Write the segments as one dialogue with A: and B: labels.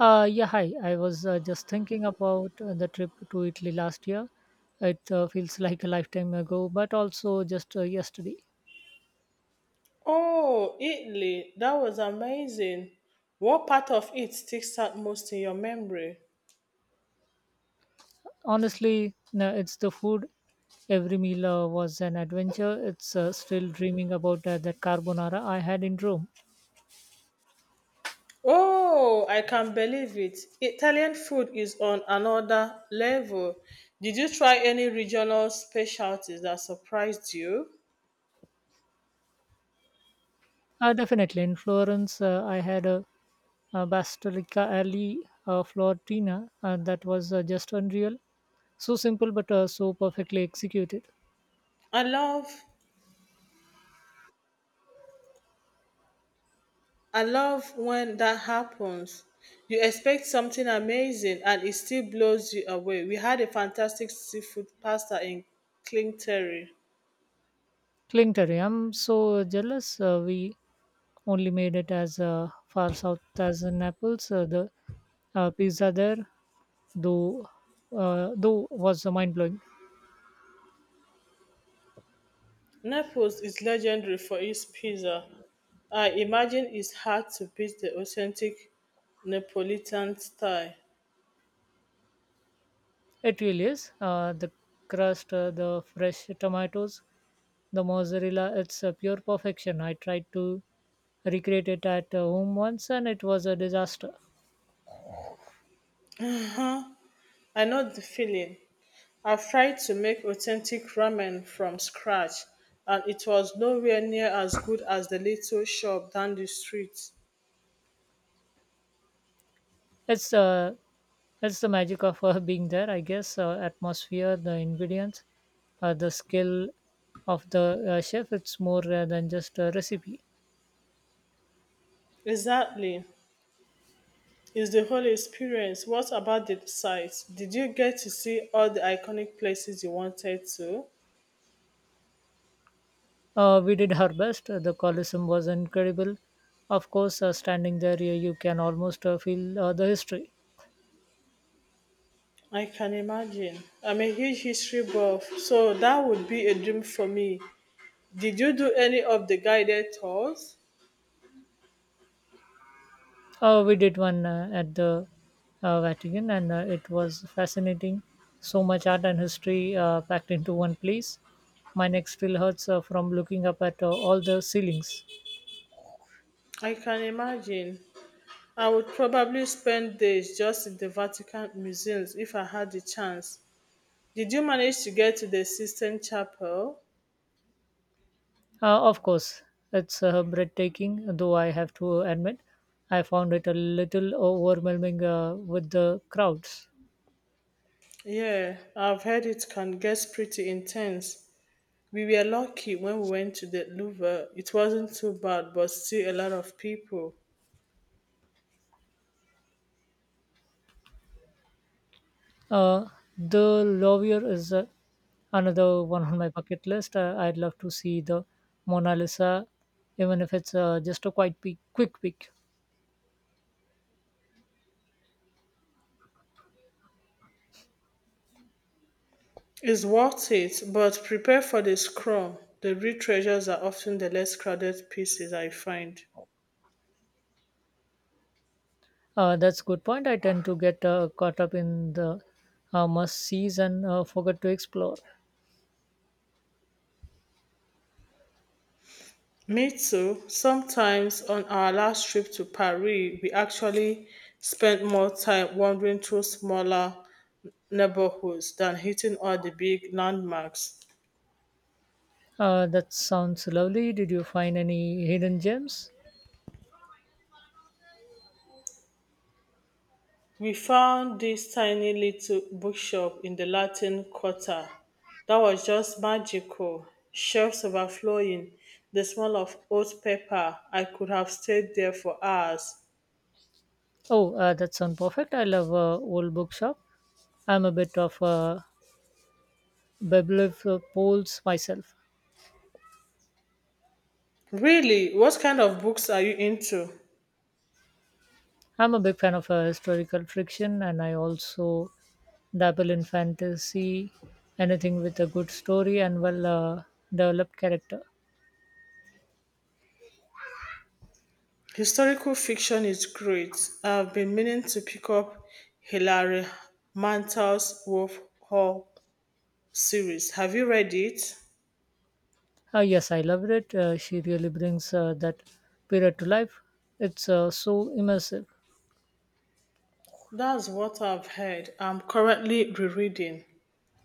A: Yeah, hi. I was just thinking about the trip to Italy last year. It feels like a lifetime ago, but also just yesterday.
B: Oh, Italy. That was amazing. What part of it sticks out most in your memory?
A: Honestly, no, it's the food. Every meal was an adventure. It's still dreaming about that carbonara I had in Rome.
B: Oh, I can believe it. Italian food is on another level. Did you try any regional specialties that surprised you?
A: Definitely in Florence, I had a Bastolica Alley Florentina, and that was just unreal. So simple, but so perfectly executed.
B: I love I love when that happens. You expect something amazing and it still blows you away. We had a fantastic seafood pasta in Clinterry.
A: Clinkery. I'm so jealous. We only made it as far south as Naples. The Pizza there, though, though, was mind blowing.
B: Naples is legendary for its pizza. I imagine it's hard to beat the authentic Neapolitan style.
A: It really is. The crust, the fresh tomatoes, the mozzarella. It's pure perfection. I tried to recreate it at home once, and it was a disaster.
B: Uh-huh. I know the feeling. I've tried to make authentic ramen from scratch, and it was nowhere near as good as the little shop down the street.
A: It's uh, it's the magic of being there, I guess. Atmosphere, the ingredients, the skill of the chef. It's more than just a recipe.
B: Exactly. It's the whole experience. What about the sites? Did you get to see all the iconic places you wanted to?
A: We did our best. The Colosseum was incredible. Of course, standing there, you can almost feel the history.
B: I can imagine. I'm a huge history buff, so that would be a dream for me. Did you do any of the guided tours?
A: We did one at the Vatican, and it was fascinating. So much art and history packed into one place. My neck still hurts from looking up at all the ceilings.
B: I can imagine. I would probably spend days just in the Vatican museums if I had the chance. Did you manage to get to the Sistine Chapel?
A: Of course, it's breathtaking, though I have to admit, I found it a little overwhelming with the crowds.
B: Yeah, I've heard it can get pretty intense. We were lucky when we went to the Louvre. It wasn't too bad, but still a lot of people.
A: Uh, the Louvre is another one on my bucket list. I'd love to see the Mona Lisa, even if it's just a quick peek.
B: It's worth it, but prepare for the scrum. The real treasures are often the less crowded pieces, I find.
A: That's a good point. I tend to get caught up in the must sees and forget to explore.
B: Me too. Sometimes on our last trip to Paris, we actually spent more time wandering through smaller neighborhoods than hitting all the big landmarks.
A: That sounds lovely. Did you find any hidden gems?
B: We found this tiny little bookshop in the Latin Quarter that was just magical, shelves overflowing, the smell of old paper. I could have stayed there for hours.
A: Oh, that sounds perfect. I love old bookshop. I'm a bit of a bibliophile myself.
B: Really, what kind of books are you into?
A: I'm a big fan of historical fiction, and I also dabble in fantasy, anything with a good story and well developed character.
B: Historical fiction is great. I've been meaning to pick up Hilary Mantel's Wolf Hall series. Have you read it?
A: Yes, I loved it. She really brings that period to life. It's so immersive.
B: That's what I've heard. I'm currently rereading.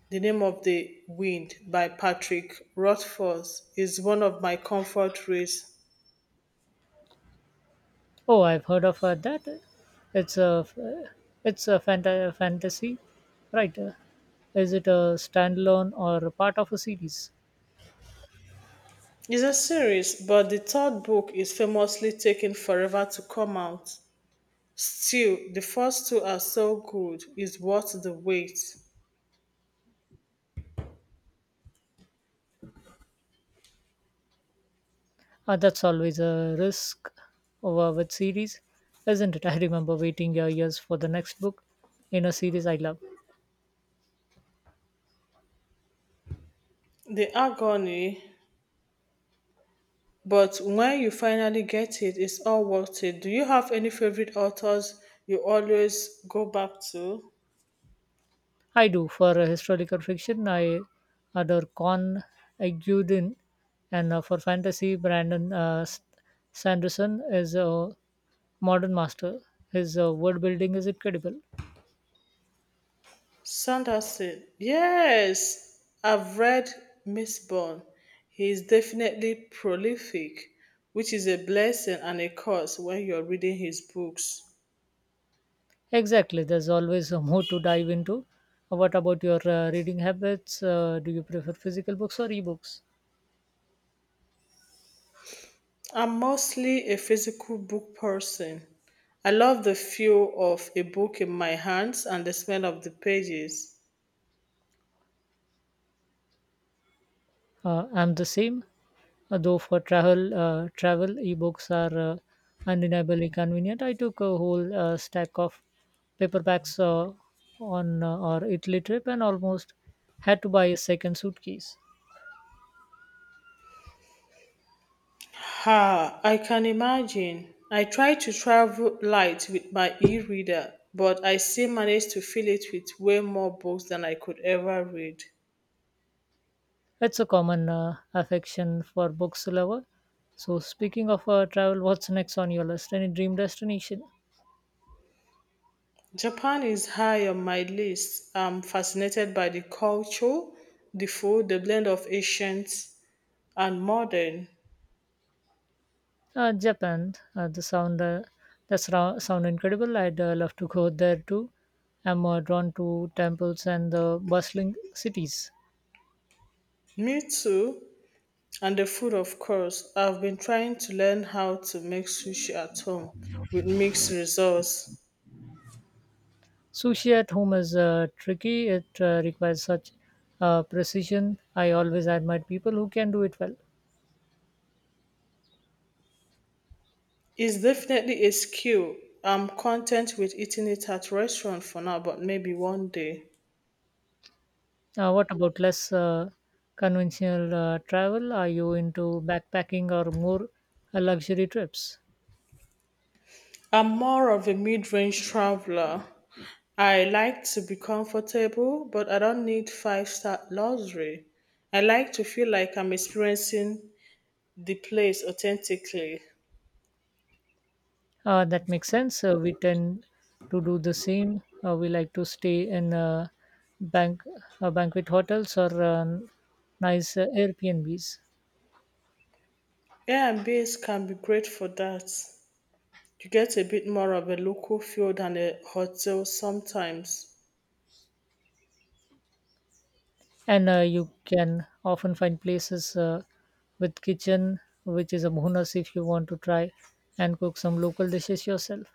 B: The Name of the Wind by Patrick Rothfuss is one of my comfort reads.
A: Oh, I've heard of that. It's a it's a fantasy, right? Is it a standalone or a part of a series?
B: It's a series, but the third book is famously taking forever to come out. Still, the first two are so good, it's worth the wait.
A: That's always a risk over with series, isn't it? I remember waiting years for the next book in a series I love.
B: The agony, but when you finally get it, it's all worth it. Do you have any favorite authors you always go back to?
A: I do. For historical fiction, I adore Con Aguilin, and for fantasy, Brandon Sanderson is a modern master. His word building is incredible.
B: Sanderson. Yes, I've read Miss Bond. He is definitely prolific, which is a blessing and a curse when you're reading his books.
A: Exactly, there's always more to dive into. What about your reading habits? Do you prefer physical books or ebooks?
B: I'm mostly a physical book person. I love the feel of a book in my hands and the smell of the pages.
A: I'm the same, though for travel, travel ebooks are undeniably convenient. I took a whole stack of paperbacks on our Italy trip and almost had to buy a second suitcase.
B: Ha, I can imagine. I try to travel light with my e reader, but I still manage to fill it with way more books than I could ever read.
A: It's a common affection for books lover. So speaking of travel, what's next on your list? Any dream destination?
B: Japan is high on my list. I'm fascinated by the culture, the food, the blend of ancient and modern.
A: Japan, the sound, the sra- sound incredible. I'd love to go there too. I'm drawn to temples and the bustling cities.
B: Me too. And the food, of course. I've been trying to learn how to make sushi at home with mixed results.
A: Sushi at home is tricky. It requires such precision. I always admire people who can do it well.
B: It's definitely a skill. I'm content with eating it at restaurant for now, but maybe one day.
A: What about less conventional travel? Are you into backpacking or more luxury trips?
B: I'm more of a mid-range traveler. I like to be comfortable, but I don't need five-star luxury. I like to feel like I'm experiencing the place authentically.
A: That makes sense. We tend to do the same. We like to stay in bank banquet hotels or nice Airbnbs,
B: Airbnbs can be great for that. You get a bit more of a local feel than a hotel sometimes.
A: and you can often find places with kitchen, which is a bonus if you want to try and cook some local dishes yourself.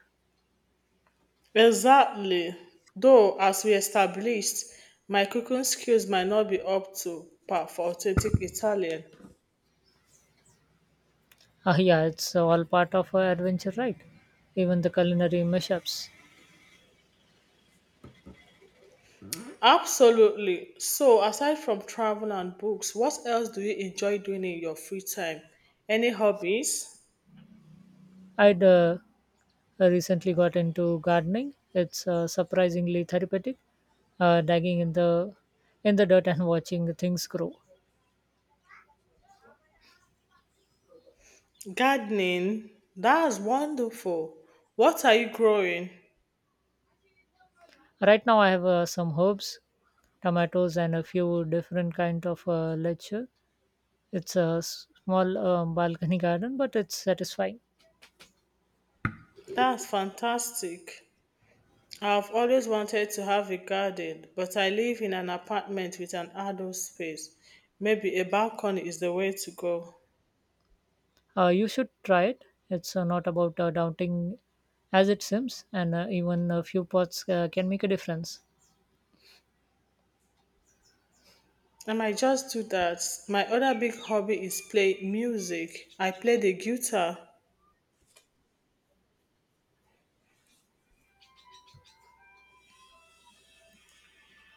B: Exactly. Though, as we established, my cooking skills might not be up to par for authentic Italian.
A: Ah, yeah, it's all part of adventure, right? Even the culinary mashups.
B: Absolutely. So, aside from travel and books, what else do you enjoy doing in your free time? Any hobbies?
A: I'd recently got into gardening. It's surprisingly therapeutic, digging in the dirt and watching things grow.
B: Gardening? That's wonderful. What are you growing?
A: Right now, I have some herbs, tomatoes, and a few different kind of lecture. It's a small balcony garden, but it's satisfying.
B: That's fantastic. I've always wanted to have a garden, but I live in an apartment with an outdoor space. Maybe a balcony is the way to go.
A: You should try it. It's not about doubting as it seems, and even a few pots can make a difference.
B: I might just do that. My other big hobby is play music. I play the guitar.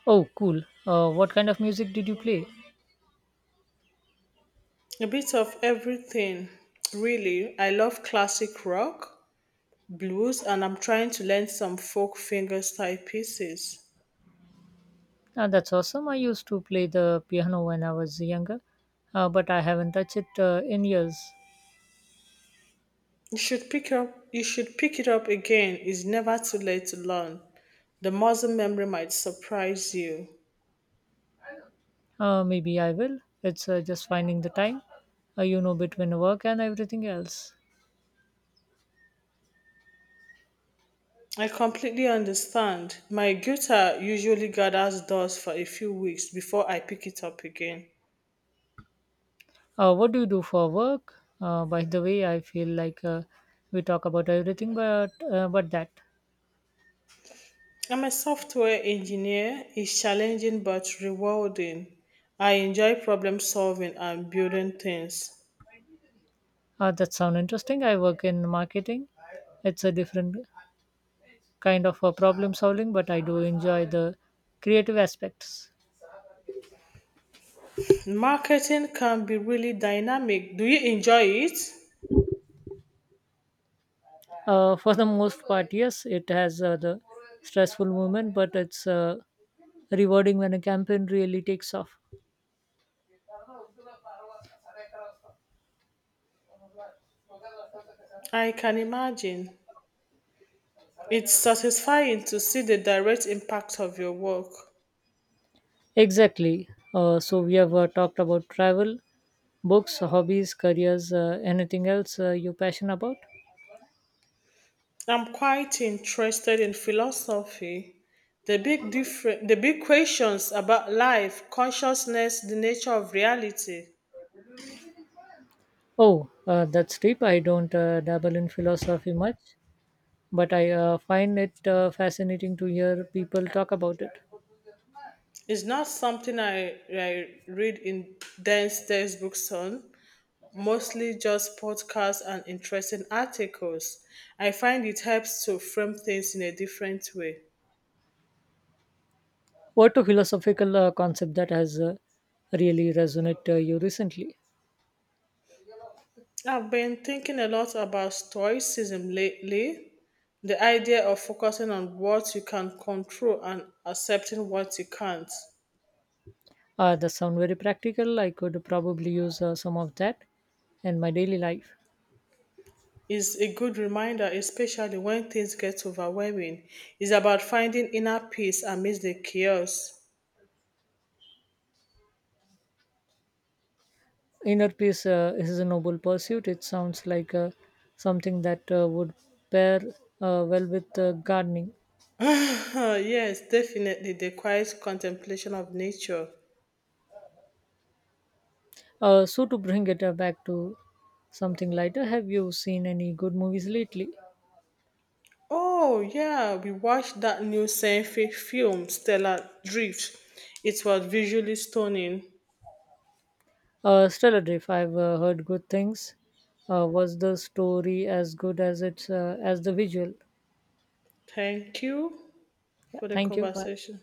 A: Oh, cool. What kind of music did you play?
B: A bit of everything, really. I love classic rock, blues, and I'm trying to learn some folk fingerstyle pieces.
A: That's awesome. I used to play the piano when I was younger, but I haven't touched it in years.
B: You should pick up you should pick it up again. It's never too late to learn. The muscle memory might surprise you.
A: Maybe I will. It's just finding the time, between work and everything else.
B: I completely understand. My guitar usually gathers dust for a few weeks before I pick it up again.
A: What do you do for work? By the way, I feel like we talk about everything, but that.
B: I'm a software engineer. It's challenging but rewarding. I enjoy problem solving and building things.
A: That sounds interesting. I work in marketing. It's a different kind of problem solving, but I do enjoy the creative aspects.
B: Marketing can be really dynamic. Do you enjoy it?
A: For the most part, yes, it has the stressful moment, but it's rewarding when a campaign really takes off.
B: I can imagine. It's satisfying to see the direct impact of your work.
A: Exactly. So we have talked about travel, books, hobbies, careers, anything else you're passionate about?
B: I'm quite interested in philosophy. The big questions about life, consciousness, the nature of reality.
A: Oh, that's deep. I don't dabble in philosophy much, but I find it fascinating to hear people talk about it.
B: It's not something I read in dense textbooks on, mostly just podcasts and interesting articles. I find it helps to frame things in a different way.
A: What a philosophical concept that has really resonated you recently?
B: I've been thinking a lot about stoicism lately, the idea of focusing on what you can control and accepting what you can't.
A: That sound very practical. I could probably use some of that in my daily life.
B: Is a good reminder, especially when things get overwhelming. It's about finding inner peace amidst the chaos.
A: Inner peace is a noble pursuit. It sounds like something that would pair well with gardening.
B: Oh, yes, definitely the quiet contemplation of nature.
A: So to bring it back to something lighter, have you seen any good movies lately?
B: Oh, yeah, we watched that new science film, Stellar Drift. It was visually stunning.
A: Stellar Drift. I've heard good things. Was the story as good as it's as the visual?
B: Thank you
A: Yeah.
B: for the
A: Thank you. Bye.
B: conversation.